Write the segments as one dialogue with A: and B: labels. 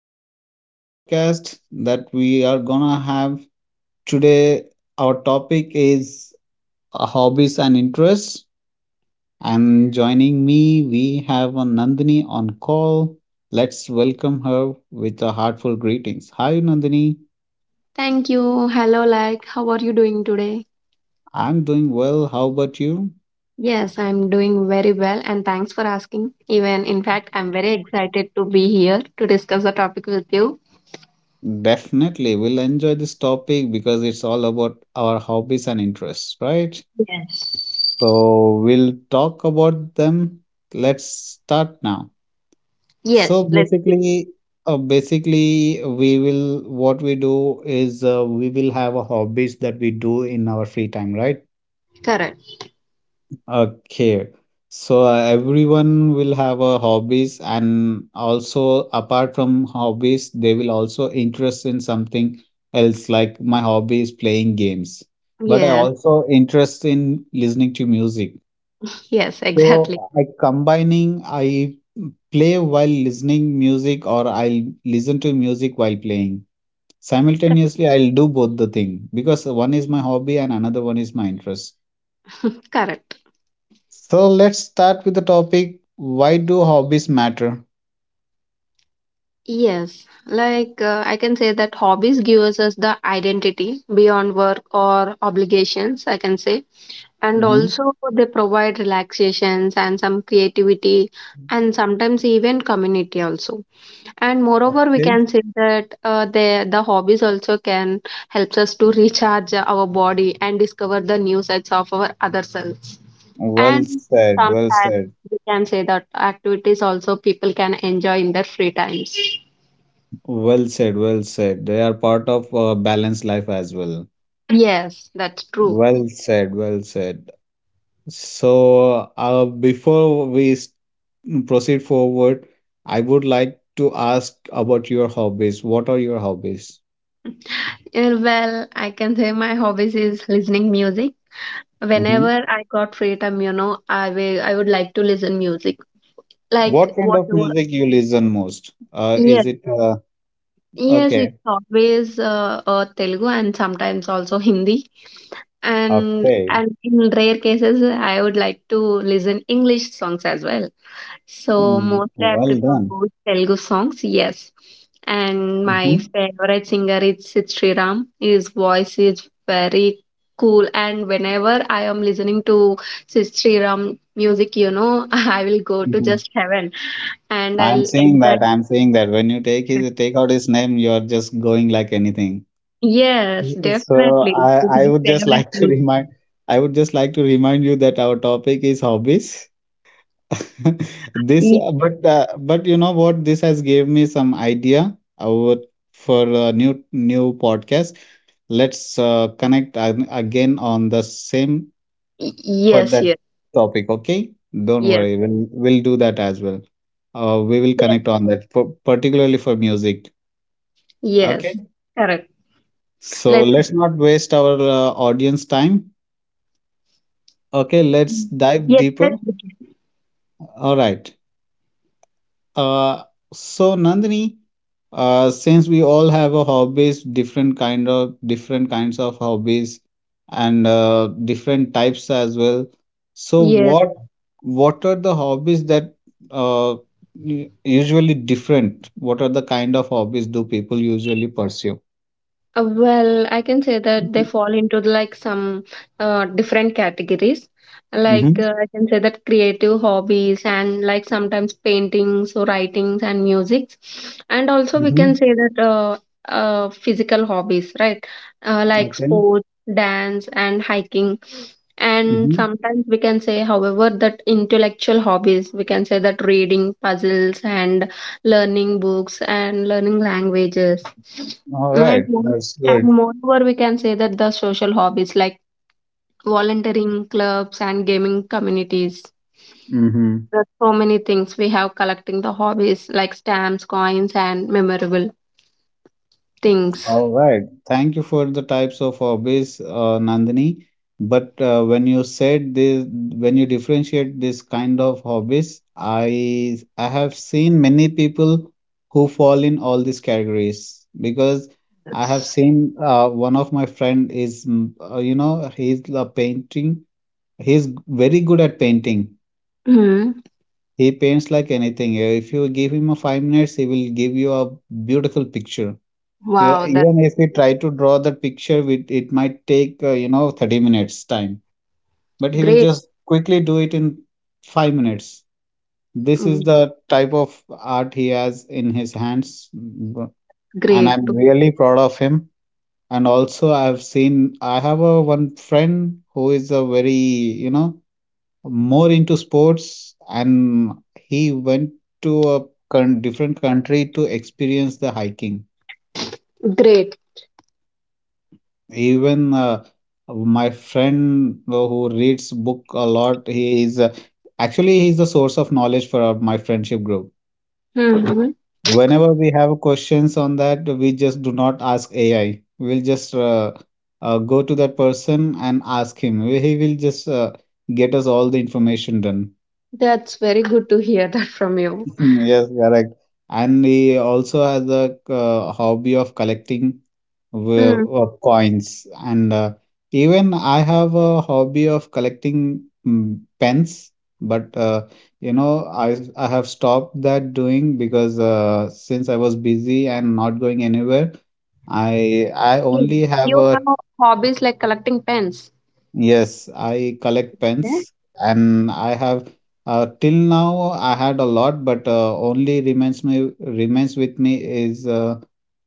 A: you to the new podcast that we are gonna have today. Our topic is hobbies and interests. And joining me, we have a Nandini on call. Let's welcome her with a heartful greetings. Hi, Nandini.
B: Thank you. Hello, how are you doing today?
A: I'm doing well. How about you?
B: Yes, I'm doing very well, and thanks for asking. Even, in fact, I'm very excited to be here to discuss the topic with you.
A: Definitely, we'll enjoy this topic because it's all about our hobbies and interests, right?
B: Yes.
A: So we'll talk about them. Let's start now. So
B: Yes, let's be
A: basically, we will what we do is we will have a hobbies that we do in our free time, right?
B: correct.
A: Okay. So everyone will have a hobbies and also apart from hobbies, they will also interest in something else. Like my hobby is playing games, but I
B: Yes,
A: also interest in listening to music.
B: yes, exactly.
A: So I combining, I play while listening music or I'll listen to music while playing.
B: Cor-
A: Simultaneously, I'll do both the thing because one is my hobby and another one is my interest.
B: Correct.
A: So let's start with the topic, why do hobbies matter?
B: Yes, I can say that hobbies gives us the identity beyond work or obligations, I can say. And
A: Hmm.
B: also, they provide relaxations and some creativity, and sometimes even community also. And moreover, we
A: Okay.
B: can say that the hobbies also can helps us to recharge our body and discover the new sides of our other selves.
A: Well
B: And
A: said, well
B: sometimes
A: said.
B: we can say that activities also people can enjoy in their free times.
A: Well said, well said. They are part of a balanced life as well.
B: Yes, that's true.
A: Well said, well said. So, proceed forward, I would like to ask about your hobbies. What are your hobbies?
B: Well, I can say my hobbies is listening music.
A: Hmm.
B: Whenever I got free time, you know, I would like to listen music.
A: What
B: Like
A: kind of
B: whatever.
A: music you listen most? Is
B: Yes,
A: it
B: yes, it's
A: Okay?
B: always Telugu and sometimes also Hindi. And
A: Okay.
B: and in rare cases, I would like to listen English songs as well. So
A: Mm,
B: mostly I
A: well
B: prefer
A: done.
B: both Telugu songs, yes. And my
A: Hmm.
B: favorite singer is Sid Sriram. His voice is very cool. And whenever I am listening to Sid Sriram music, you know, I will go to
A: Hmm.
B: just heaven and I
A: I'm
B: will
A: saying
B: enjoy.
A: that. I'm saying that when you take out his name, you're just going like anything.
B: Yes,
A: So
B: definitely.
A: I
B: He's
A: I
B: my
A: would just
B: favorite
A: like to
B: singer.
A: remind I would just like to remind you that our topic is hobbies. This,
B: Y- y-
A: but you know what? This has gave me some idea about for a new podcast. Let's connect again on the same for
B: Yes,
A: that
B: yes,
A: topic. Okay, don't
B: yes,
A: worry. We'll do that as well. We will
B: yes,
A: connect on that, for, particularly for music.
B: yes.
A: Okay,
B: Correct.
A: so
B: Let's
A: let's not waste our audience time. Okay, let's dive
B: yes, let's
A: deeper.
B: begin.
A: All right. Uh, so Nandini, since we all have a hobbies, different kinds of hobbies and different types as well. So
B: Yes.
A: what what are the hobbies that uh, u- usually different? What are the kind of hobbies do people usually pursue?
B: Well, I can say that they
A: Mm-hmm.
B: fall into the, like some different categories. I can say that creative hobbies and like sometimes paintings or writings and music, and also we can
A: Mm-hmm.
B: say that physical hobbies, right? Like
A: Okay.
B: sports, dance, and hiking. And
A: Mm-hmm.
B: sometimes we can say, however, that intellectual hobbies, we can say that reading puzzles and learning books and learning languages.
A: All
B: And
A: right.
B: more
A: That's
B: and
A: good.
B: moreover, we can say that the social hobbies like volunteering clubs and gaming communities.
A: Mm-hmm.
B: There are so many things we have collecting the hobbies like stamps, coins, and memorable things.
A: All right. Thank you for the types of hobbies, Nandini. But when you said this, when you differentiate this kind of hobbies, I have seen many people who fall in all these categories because I have seen one of my friend is you know he's a painting. He's very good at painting.
B: Hmm.
A: He paints like anything. If you give him a 5 minutes, he will give you a beautiful picture. Yeah,
B: Wow, that's
A: even if we try to draw the picture, we, it might take, you know, 30 minutes time, but he will
B: great.
A: just quickly do it in 5 minutes. This is
B: Mm,
A: the type of art he has in his hands. And
B: great,
A: I'm really proud of him. And also, I have a one friend who is a very, you know, more into sports, and he went to a con different country to experience the hiking.
B: great.
A: Even my friend who reads book a lot, he is actually he's the source of knowledge for my friendship group.
B: Hmm.
A: Whenever we have questions on that, we just do not ask AI. We'll just go to that person and ask him. He will just get us all the information done.
B: That's very good to hear that from you.
A: Yes, correct. And he also has a hobby of collecting were
B: Hmm.
A: coins and even I have a hobby of collecting pens, but you know I have stopped that doing because since I was busy and not going anywhere I
B: Mm.
A: only have
B: You
A: a
B: have hobbies like collecting pens.
A: yes I collect pens
B: Yeah.
A: and I have till now I had a lot but only remains with me is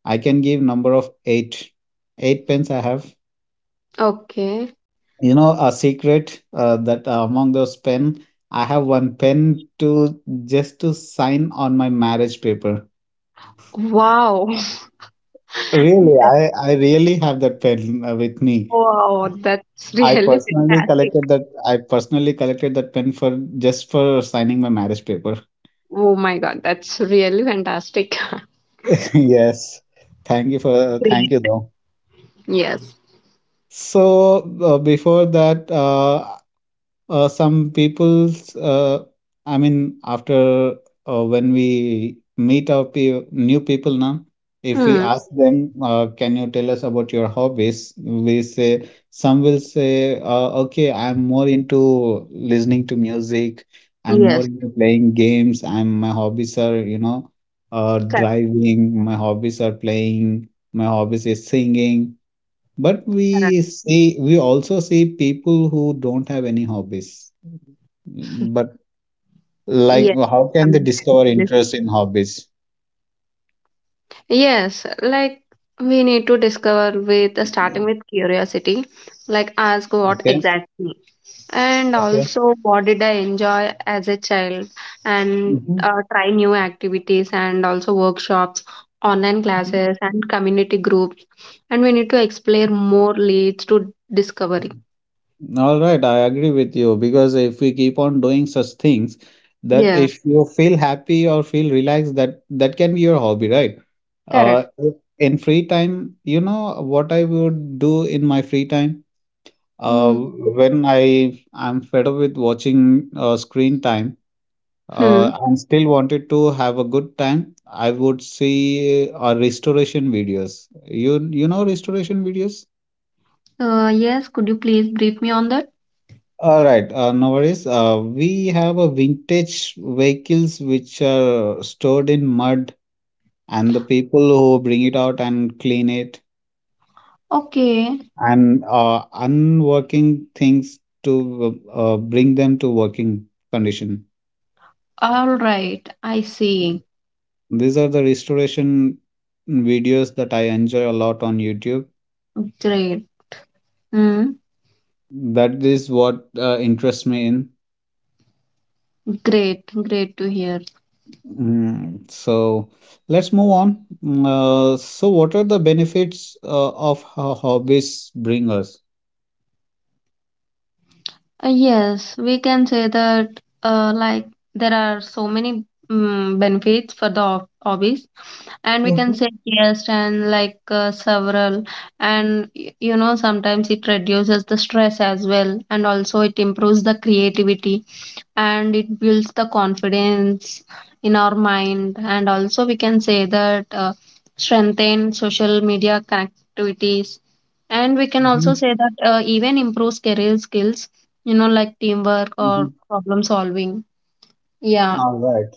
A: I can give number of 8 pens I have.
B: Okay.
A: You know, a secret that among those pen, I have one pen to just to sign on my marriage paper.
B: Wow.
A: Really, I really have that pen with me.
B: Wow, that's
A: I
B: really
A: personally
B: fantastic.
A: collected that. I personally collected that pen for just for signing my marriage paper.
B: Oh my God, that's really fantastic.
A: Yes. Thank you
B: Great.
A: though.
B: Yes.
A: So before that, some people's, I mean, after when we meet our new people now, if we
B: Hmm.
A: ask them, can you tell us about your hobbies? Some will say, okay, I'm more into listening to music, I'm more
B: Yes.
A: into playing games, I'm my hobbies are, you know,
B: Correct.
A: driving, my hobbies are playing, my hobbies is singing, but
B: Correct.
A: we see, we also see people who don't have any hobbies. Mhm. But like,
B: Yes.
A: how can they
B: Sometimes
A: discover
B: it is.
A: interest in hobbies?
B: Yes. Like we need to discover with starting with curiosity, like ask what
A: Okay.
B: exactly. And
A: Okay.
B: also, what did I enjoy as a child? And
A: Hmm.
B: try new activities and also workshops, online classes, and community groups. And we need to explore more leads to discovery.
A: All right, I agree with you because if we keep on doing such things, that
B: Yeah,
A: if you feel happy or feel relaxed, that can be your hobby, right? Uh,
B: correct.
A: in free time, you know what I would do in my free time?
B: Mm.
A: When I am fed up with watching screen time
B: Hmm.
A: and still wanted to have a good time, I would see restoration videos. You know restoration videos?
B: Yes, could you please brief me on that?
A: All right, no worries. We have a vintage vehicles which are stored in mud, and the people who bring it out and clean it
B: Okay.
A: and unworking things to bring them to working condition.
B: All right. I see.
A: These are the restoration videos that I enjoy a lot on YouTube.
B: Great. Mm.
A: That is what interests me in.
B: Great. Great to hear.
A: So let's move on. What are the benefits of hobbies bring us?
B: Yes, we can say that like there are so many benefits for the hobbies, and we can
A: Mm-hmm.
B: say yes, and several, and you know sometimes it reduces the stress as well, and also it improves the creativity, and it builds the confidence in our mind, and also we can say that strengthen social media connectivities, and we can also
A: Mm-hmm.
B: say that even improves career skills, you know, like teamwork
A: Mm-hmm.
B: or problem solving, yeah.
A: All right.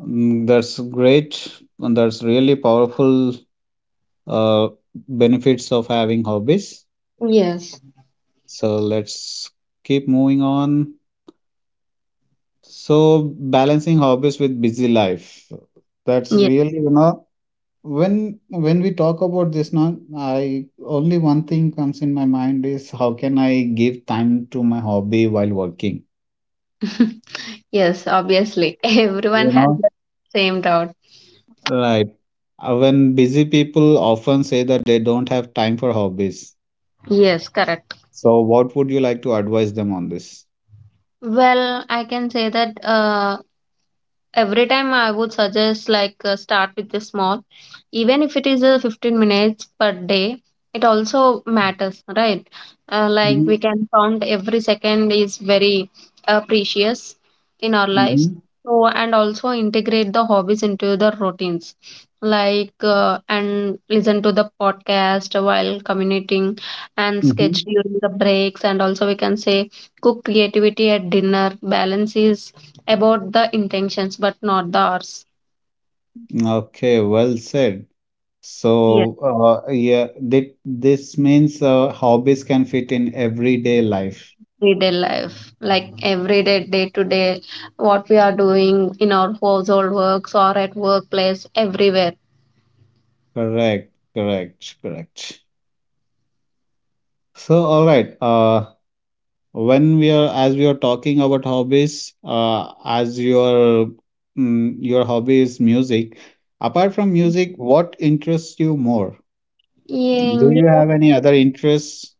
A: That's great. And That's really powerful uh, benefits of having hobbies.
B: Yes.
A: So let's keep moving on. So balancing hobbies with busy life. That's
B: Yes.
A: really, you know, when we talk about this now, I only one thing comes in my mind is how can I give time to my hobby while working?
B: Yes, obviously, everyone
A: You
B: has
A: know,
B: the same doubt.
A: right. When busy people often say that they don't have time for hobbies.
B: Yes, correct.
A: So what would you like to advise them on this?
B: Well, I can say that every time I would suggest start with the small, even if it is 15 minutes per day, it also matters, right? Like we
A: Mm-hmm.
B: can count every second is very precious in our lives.
A: Mm-hmm.
B: So and also integrate the hobbies into the routines, and listen to the podcast while commuting, and sketch
A: Mm-hmm.
B: during the breaks, and also we can say cook creativity at dinner. Balance is about the intentions but not the hours.
A: Okay, well said.
B: Yes.
A: So, that this means hobbies can fit in everyday life.
B: Everyday life like everyday day to day what we are doing in our household works or at workplace everywhere.
A: Correct, correct, correct. So, all right. When we are As we are talking about hobbies, your hobby is music. Apart from music, what interests you more? Do you
B: Yeah,
A: have any other interests?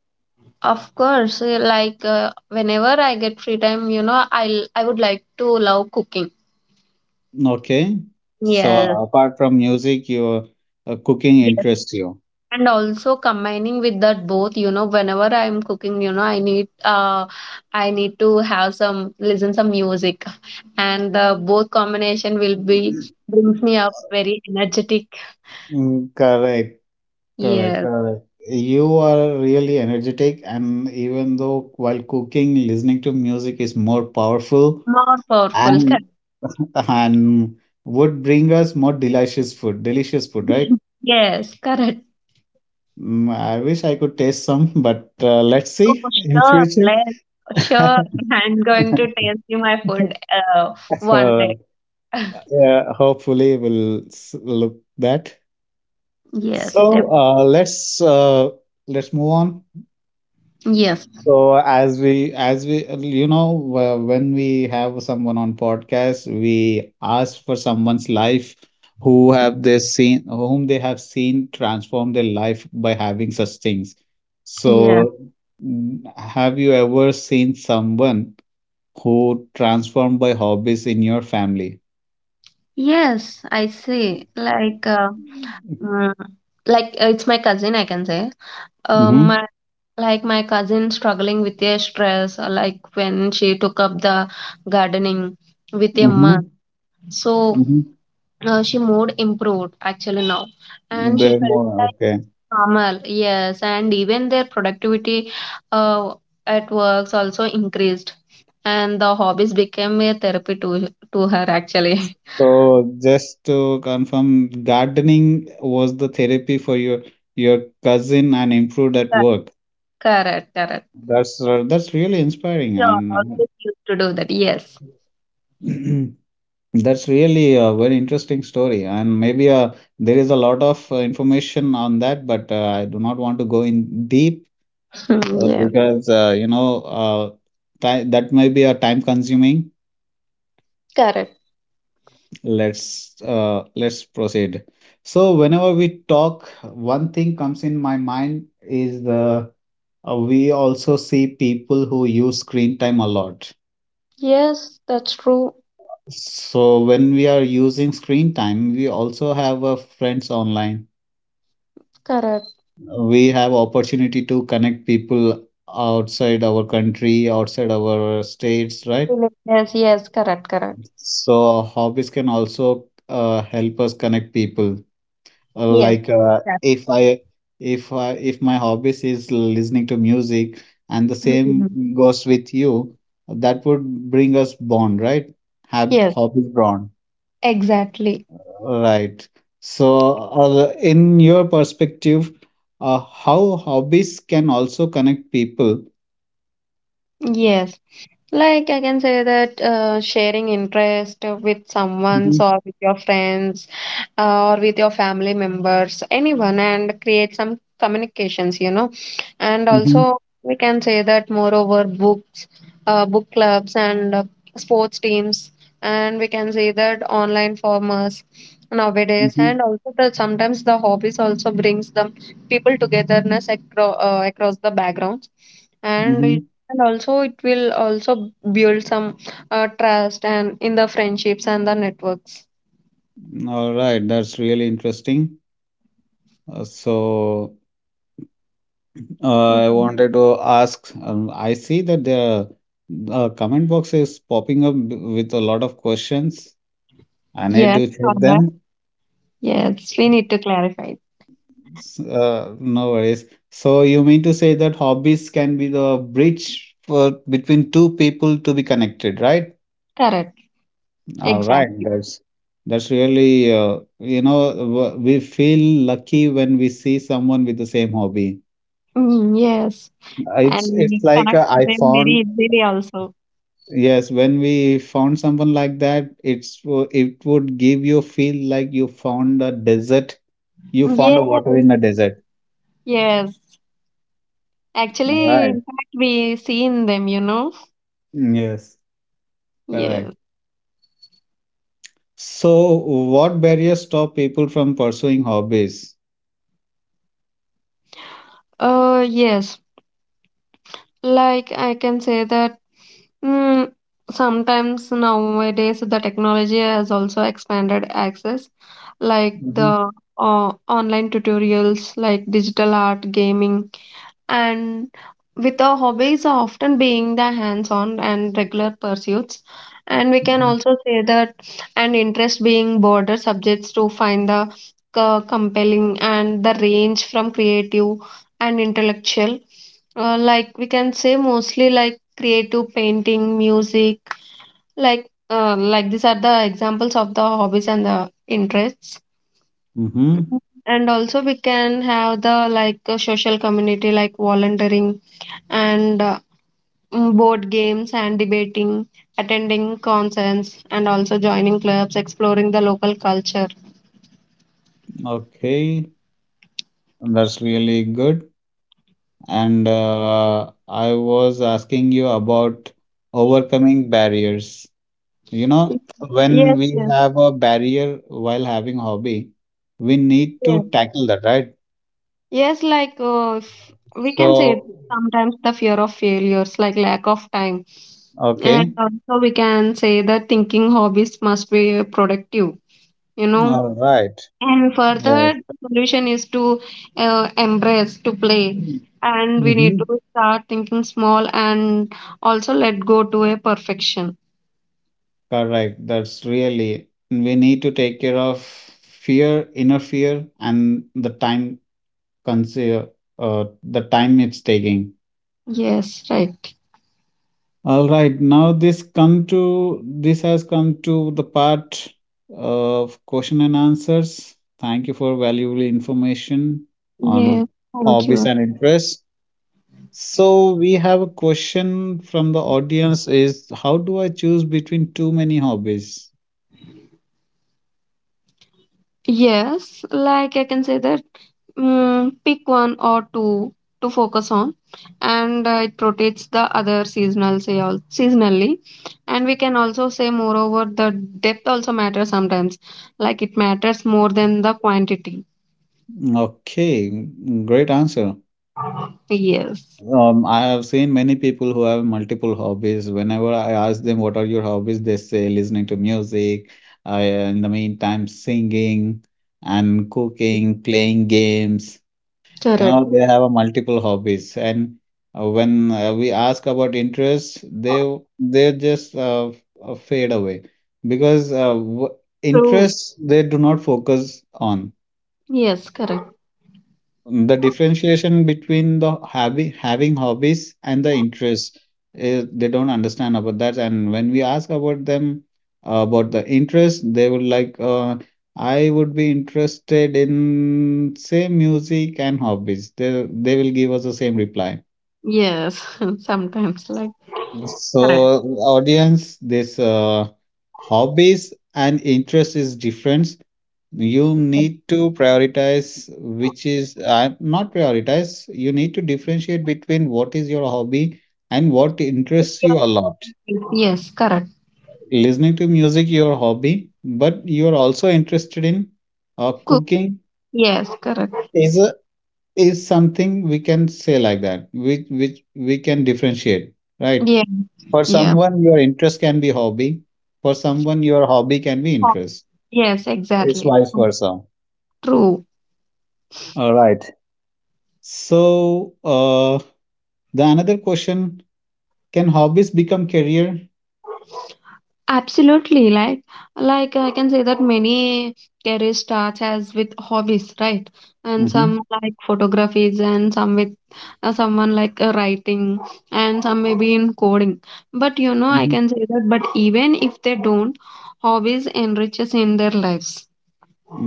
B: of course, whenever I get free time, you know, I would like to love cooking.
A: Okay. So,
B: Yes,
A: apart from music, your cooking
B: yes.
A: interests you.
B: And also combining with that both, you know, whenever I'm cooking, you know, I need to have some listen some music. And the both combination will be brings me up very energetic.
A: Mm, correct. Correct.
B: Yes.
A: Correct. You are really energetic, and even though while cooking, listening to music is more powerful
B: More powerful. Correct.
A: and and would bring us more delicious food. Delicious food, right?
B: Yes, correct.
A: Mm, I wish I could taste some, but let's
B: Oh,
A: see in
B: sure.
A: future.
B: Let's sure. I'm going to taste you my food one
A: Uh,
B: day.
A: yeah, hopefully we'll look that.
B: Yes,
A: So
B: definitely.
A: let's move on.
B: Yes.
A: So as we You know when we have someone on podcast, we ask for someone's life whom they have seen transform their life by having such things.
B: Yeah.
A: So have you ever seen someone who transformed by hobbies in your family?
B: Yes, I see. Mm, like, it's my cousin, I can say. Um,
A: Mm-hmm.
B: my, like my cousin struggling with a stress, like when she took up the gardening with a
A: Mm-hmm.
B: month. So she mood improved actually now,
A: Mm-hmm.
B: and she
A: They're
B: felt
A: more
B: like
A: okay.
B: normal. Yes, and even their productivity uh, at works also increased, and the hobbies became a therapy to her actually.
A: So just to confirm, gardening was the therapy for your cousin and improved at work.
B: Correct, correct.
A: That's really inspiring
B: Yeah,
A: and
B: always used to do that. Yes.
A: uh, that's really a very interesting story. And maybe there is a lot of information on that, but I do not want to go in deep
B: Yeah,
A: because you know uh, ti that may be a time consuming.
B: correct.
A: Let's let's proceed. So whenever we talk, one thing comes in my mind is the we also see people who use screen time a lot.
B: Yes, that's true.
A: So when we are using screen time, we also have friends online.
B: Correct.
A: We have opportunity to connect people outside our country, outside our states, right?
B: Yes, yes, correct, correct.
A: So hobbies can also help us connect people. Uh,
B: Yes.
A: like uh,
B: Exact-
A: if i if I, if my hobbies is listening to music and the same
B: Mhm.
A: goes with you, that would bring us bond, right? Have
B: Yes,
A: hobbies bond,
B: exactly.
A: right? So in your perspective, how hobbies can also connect people.
B: Yes. Like I can say that sharing interest with someone
A: Mm-hmm,
B: or with your friends, or with your family members, anyone, and create some communications, you know. And
A: mm-hmm,
B: also, we can say that moreover, books, book clubs, and sports teams, and we can say that online formers nowadays,
A: mm-hmm,
B: and also that sometimes the hobbies also brings the people togetherness across the backgrounds, and
A: mm-hmm.
B: and also it will also build some trust and in the friendships and the networks.
A: All right, that's really interesting. uh, so I
B: Mhm.
A: wanted to ask, I see that the comment box is popping up with a lot of questions. I need
B: Yes,
A: to check
B: correct.
A: them.
B: Yes, we need to clarify.
A: No worries. So you mean to say that hobbies can be the bridge for between two people to be connected, right?
B: Correct,
A: All right,
B: exactly.
A: that's really you know we feel lucky when we see someone with the same hobby.
B: Mm, yes, and
A: It's
B: we
A: it's like
B: connect with
A: I
B: them very
A: found
B: easily also.
A: Yes, when we found someone like that, it would give you feel like you found a desert. You found
B: Yes,
A: a water in the desert.
B: yes, actually,
A: Right.
B: in fact we see in them, you know.
A: Mm, yes,
B: Yes.
A: correct. So, what barriers stop people from pursuing hobbies?
B: Uh yes like i can say that, mm, sometimes nowadays the technology has also expanded access, like
A: hmm
B: the online tutorials, like digital art, gaming, and with our hobbies are often being the hands-on and regular pursuits, and we can
A: hmm.
B: also say that an interest being broader subjects to find the compelling and the range from creative and intellectual. Like we can say mostly like creative painting music, like these are the examples of the hobbies and the interests,
A: Mm-hmm.
B: and also we can have the like a social community like volunteering, and board games and debating, attending concerts and also joining clubs, exploring the local culture.
A: Okay, that's really good. And I was asking you about overcoming barriers. You know, when
B: Yes,
A: we
B: yes,
A: have a barrier while having hobby we need to
B: yes.
A: tackle that, right?
B: Yes, we can say it,
A: So,
B: sometimes the fear of failures, like lack of time.
A: okay,
B: And also we can say that thinking hobbies must be productive, you know.
A: all right,
B: And further,
A: yes,
B: the solution is to embrace, to play. And we need
A: mm-hmm.
B: to start thinking small and also let go to a perfection.
A: Correct, that's really we need to take care of fear, inner fear, and the time, consider the time it's taking.
B: Yes, right.
A: All right, now this come to this has come to the part of question and answers. Thank you for valuable information
B: Yeah,
A: on
B: thank
A: hobbies
B: you.
A: and interests. So we have a question from the audience is, how do I choose between too many hobbies?
B: Yes, like I can say that, mm, pick one or two to focus on, and it protects the other seasonal say all seasonally, and we can also say moreover the depth also matters sometimes, like it matters more than the quantity.
A: Okay, great answer.
B: Yes.
A: I have seen many people who have multiple hobbies. Whenever I ask them, what are your hobbies? They say listening to music, in the meantime, singing and cooking, playing games. You
B: Correct.
A: know, they have a multiple hobbies. And when we ask about interests, they just fade away because w
B: True.
A: interests they do not focus on
B: Yes, correct.
A: the differentiation between the hobby having hobbies and the interest. They don't understand about that, and when we ask about them about the interest they would like I would be interested in say music and hobbies, they will give us the same reply.
B: Yes, sometimes like correct.
A: So, audience, this hobbies and interest is different. You
B: Yes.
A: need to prioritize, which is not prioritize. You need to differentiate between what is your hobby and what interests you a lot.
B: Yes, correct.
A: Listening to music, your hobby, but you are also interested in
B: Cook.
A: cooking.
B: Yes, correct.
A: Is a, is something we can say like that, which we can differentiate, right?
B: Yeah.
A: For
B: Yeah.
A: someone, your interest can be hobby. For someone, your hobby can be interest.
B: Yes,
A: It's
B: exactly.
A: vice versa.
B: True.
A: All right. So the another question: can hobbies become career?
B: Absolutely, like I can say that many career starts as with hobbies, right? And some
A: Mm-hmm.
B: like photographies, and some with someone like writing, and some maybe in coding. But you know, I
A: Mm-hmm.
B: can say that. But even if they don't, hobbies enriches in their lives.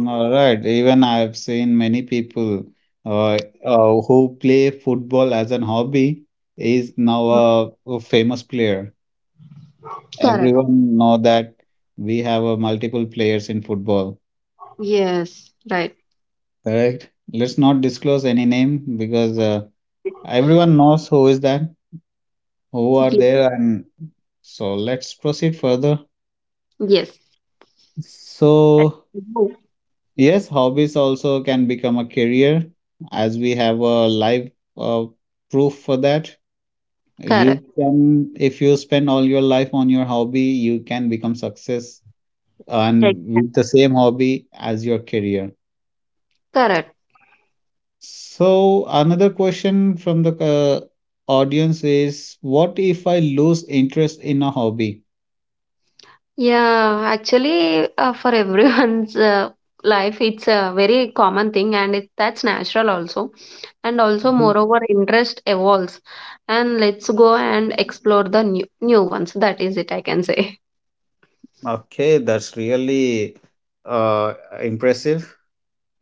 A: All right. Even I have seen many people uh, who play football as an hobby is now a famous player.
B: Correct.
A: Everyone know that we have multiple players in football.
B: Yes, right.
A: Correct. Let's not disclose any name because. Everyone knows who is that, who are
B: Ye-
A: there, and so let's proceed further.
B: Yes. I
A: So,
B: do.
A: yes, hobbies also can become a career as we have a live uh, proof for that.
B: Correct.
A: You can, if you spend all your life on your hobby, you can become success and
B: Exactly.
A: with the same hobby as your career.
B: Correct.
A: So, another question from the audience is, what if I lose interest in a hobby?
B: Yeah, actually, for everyone's life, it's a very common thing, and it, that's natural also. And also, moreover, interest evolves, and let's go and explore the new new ones. That is it, I can say.
A: Okay, that's really uh, impressive.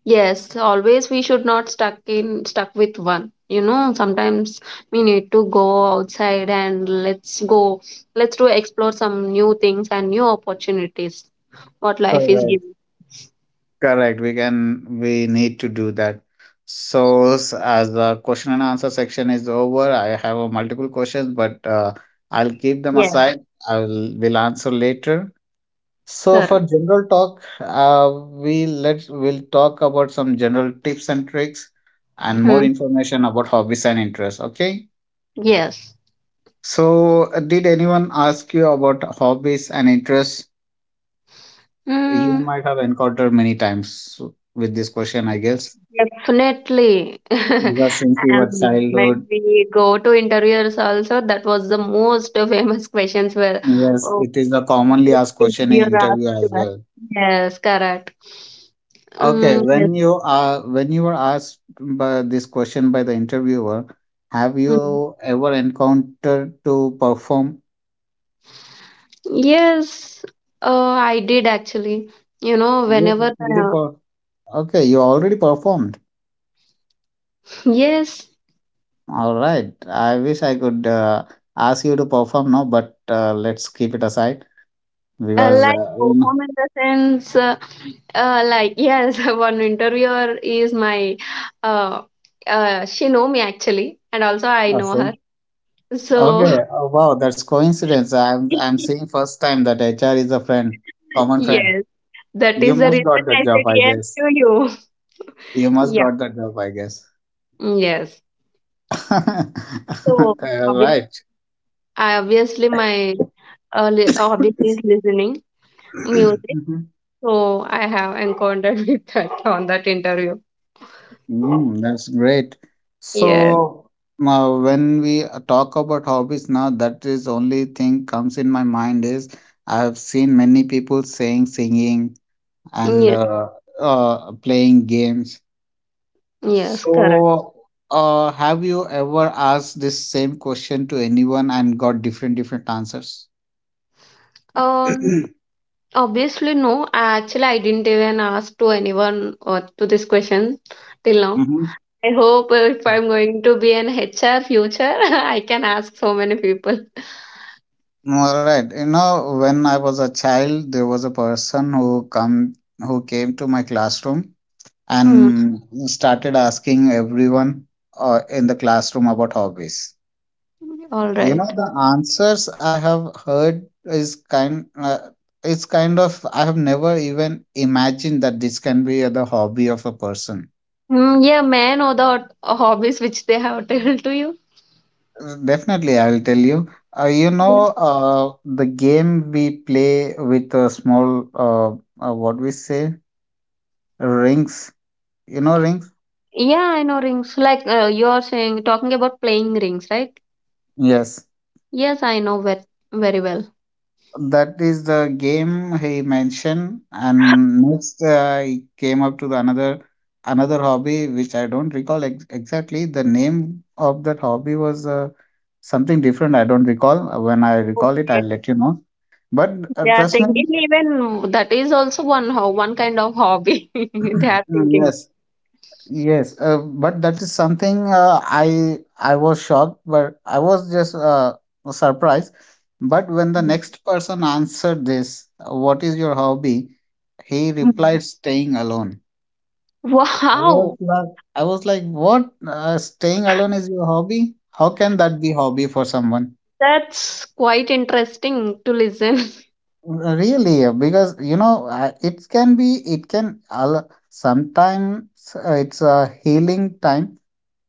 B: Yes, always we should not stuck with one. You know, sometimes we need to go outside and let's go, let's do explore some new things and new opportunities. What life is
A: Correct.
B: giving.
A: Correct. We can, we need to do that. So, as the question and answer section is over, I have a multiple questions, but I'll keep them
B: Yeah,
A: aside. I'll will answer later. So, for
B: correct.
A: general talk, we let's we'll talk about some general tips and tricks and more
B: Mhm.
A: information about hobbies and interests. Okay.
B: Yes.
A: So, did anyone ask you about hobbies and interests? You
B: Mm,
A: might have encountered many times with this question, I guess,
B: definitely.
A: because since we
B: And
A: were
B: when
A: childhood,
B: we go to interviewers also, that was the most famous questions where
A: yes,
B: oh,
A: it is the
B: this
A: commonly asked question in
B: interviewer
A: interview as
B: asked us.
A: well.
B: Yes, correct.
A: Okay,
B: Mm, yes.
A: when you were asked by this question by the interviewer, have
B: Mm.
A: you ever encountered to perform?
B: Yes, I did actually. You know,
A: You
B: whenever
A: did you per- okay? You already performed.
B: yes,
A: All right. I wish I could ask you to perform now, but let's keep it aside because you
B: Perform in the sense, yes, one interviewer is my, uh, she know me actually, and also I know her.
A: know.
B: So
A: Okay. Oh, wow, that's coincidence. I'm seeing first time that HR is a friend, common friend.
B: yes, that
A: You
B: is the
A: must
B: reason
A: got that
B: I said
A: job, I
B: yes
A: guess.
B: to you.
A: You must
B: Yeah.
A: got that job, I guess.
B: Yes. So obviously,
A: Right.
B: I obviously my uh, hobby is listening music.
A: Mhm.
B: So I have encountered with that on that interview.
A: Mm, that's great.
B: Yes.
A: So now when we talk about hobbies now, that is only thing comes in my mind is I've seen many people saying singing and
B: Yes.
A: playing games.
B: Yes. Correct.
A: So, have you ever asked this same question to anyone and got different different answers?
B: Um. Obviously, no. Actually, I didn't even ask to anyone to this question till now.
A: Mm-hmm.
B: I hope if I'm going to be an HR future, I can ask so many people.
A: All right. You know, when I was a child, there was a person who came to my classroom
B: Hmm.
A: and started asking everyone in the classroom about hobbies.
B: All
A: You know,
B: right.
A: the answers I have heard is kind it's kind of I have never even imagined that this can be the hobby of a person.
B: Mm, yeah, may I know the hobbies which they have told to you?
A: Definitely, I'll tell you. You
B: Yeah.
A: know, the game we play with a small, what we say, rings. You know, rings?
B: Yeah, I know rings. You are saying, talking about playing rings, right?
A: Yes.
B: Yes, I know very, very well.
A: That is the game he mentioned. And next, he came up to the another another hobby, which I don't recall ex exactly. The name of that hobby was something different. I don't recall. When I recall it, I'll
B: Okay.
A: let you know. But
B: They are
A: trust
B: thinking
A: me,
B: even that is also one kind of hobby they are thinking.
A: yes. Yes, but that is something I was shocked, but I was just surprised. But when the next person answered this, "What is your hobby?" he
B: Mhm.
A: replied, "Staying alone."
B: Wow!
A: I was like, "What? Staying alone is your hobby? How can that be hobby for someone?"
B: That's quite interesting to listen.
A: Really, because you know, it can be, sometimes it's a healing time.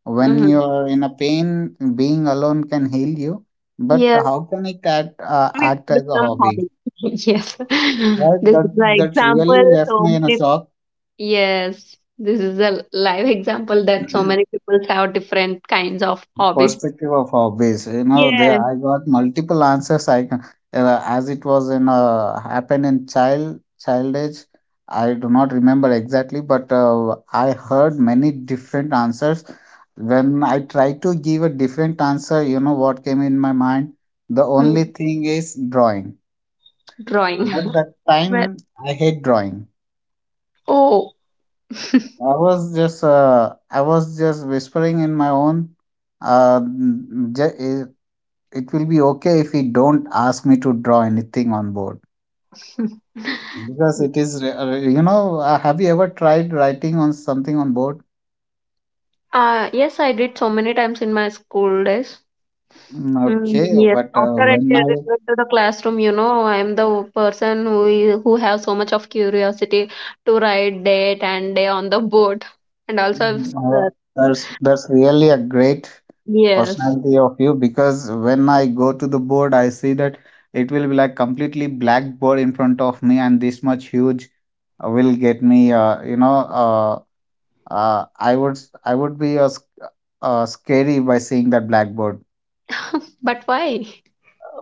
A: When you
B: Mhm.
A: are in a pain, being alone can heal you. But
B: Yes,
A: how can it
B: it
A: act
B: will
A: as a
B: become
A: hobby?
B: hobby. Yes,
A: Right?
B: this is
A: That
B: an
A: that's really
B: example.
A: left
B: So
A: me in a
B: many.
A: shock.
B: Yes, this is a live example that so many people have different kinds of hobbies.
A: perspective of hobbies. You know, there
B: Yes.
A: I got multiple answers. As it was in happened in child child age. I do not remember exactly, but I heard many different answers. When I tried to give a different answer, you know what came in my mind? The only
B: Hmm.
A: thing is drawing.
B: Drawing.
A: At that
B: Well,
A: time, I hate drawing.
B: oh.
A: I was just whispering in my own. Uh, mm, it, it will be okay if he don't ask me to draw anything on board because it is re- re- you know have you ever tried writing on something on board?
B: Yes, I did so many times in my school days.
A: Mm,
B: Mm,
A: okay,
B: yes,
A: but
B: after I
A: when
B: did
A: I
B: return to the classroom, you know, I am the person who have so much of curiosity to write date and day on the board, and also
A: uh,
B: uh,
A: there's that's really a great
B: yes.
A: personality of you because when I go to the board, I see that it will be like completely black board in front of me, and this much huge will get me. You know, uh, I would I would be scary by seeing that blackboard
B: But why?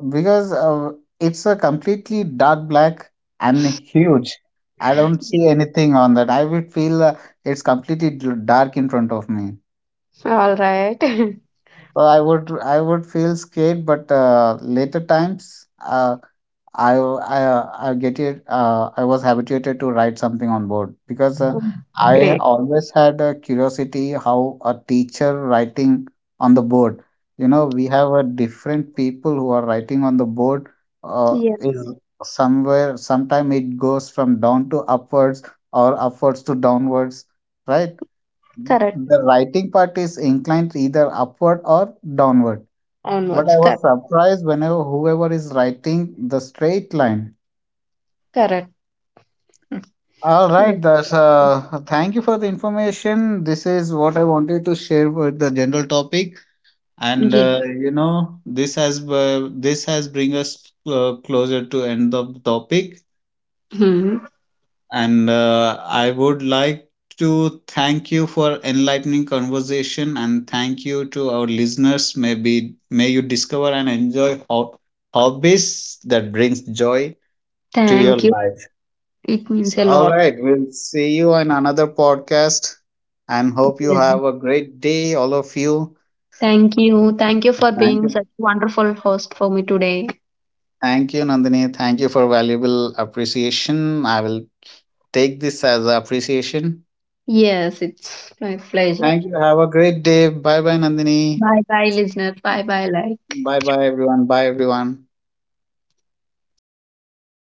A: because it's a completely dark black and huge. I don't see
B: Yes.
A: anything on that. I would feel it's completely dark in front of me.
B: All right.
A: Well, I would feel scared, but later times, I get it. I was habituated to write something on board because
B: Mm.
A: I
B: Great.
A: always had a curiosity how a teacher writing on the board. You know, we have a different people who are writing on the board.
B: Yeah.
A: Is somewhere sometime it goes from down to upwards or upwards to downwards, right?
B: Correct.
A: The writing part is inclined either upward or downward. But I
B: Onwards.
A: was
B: Correct.
A: surprised whenever whoever is writing the straight line.
B: Correct. Mm.
A: All
B: Yeah.
A: right, that's thank you for the information. This is what I wanted to share with the general topic, and
B: Yeah.
A: you know this has bring us closer to end of the topic.
B: Hmm.
A: And I would like to thank you for enlightening conversation and thank you to our listeners. Maybe may you discover and enjoy hobbies that brings joy to your
B: Thank you.
A: life.
B: It
A: So,
B: means a
A: all
B: lot.
A: right, we'll see you in another podcast and hope you
B: Yeah.
A: have a great day, all of you.
B: Thank you. Thank you for
A: Thank
B: being
A: you.
B: such wonderful host for me today.
A: Thank you, Nandini. Thank you for valuable appreciation. I will take this as appreciation.
B: Yes, it's my pleasure.
A: Thank you. Have a great day. Bye bye, Nandini.
B: Bye bye, listeners. Bye bye, life.
A: Bye bye, everyone. Bye, everyone.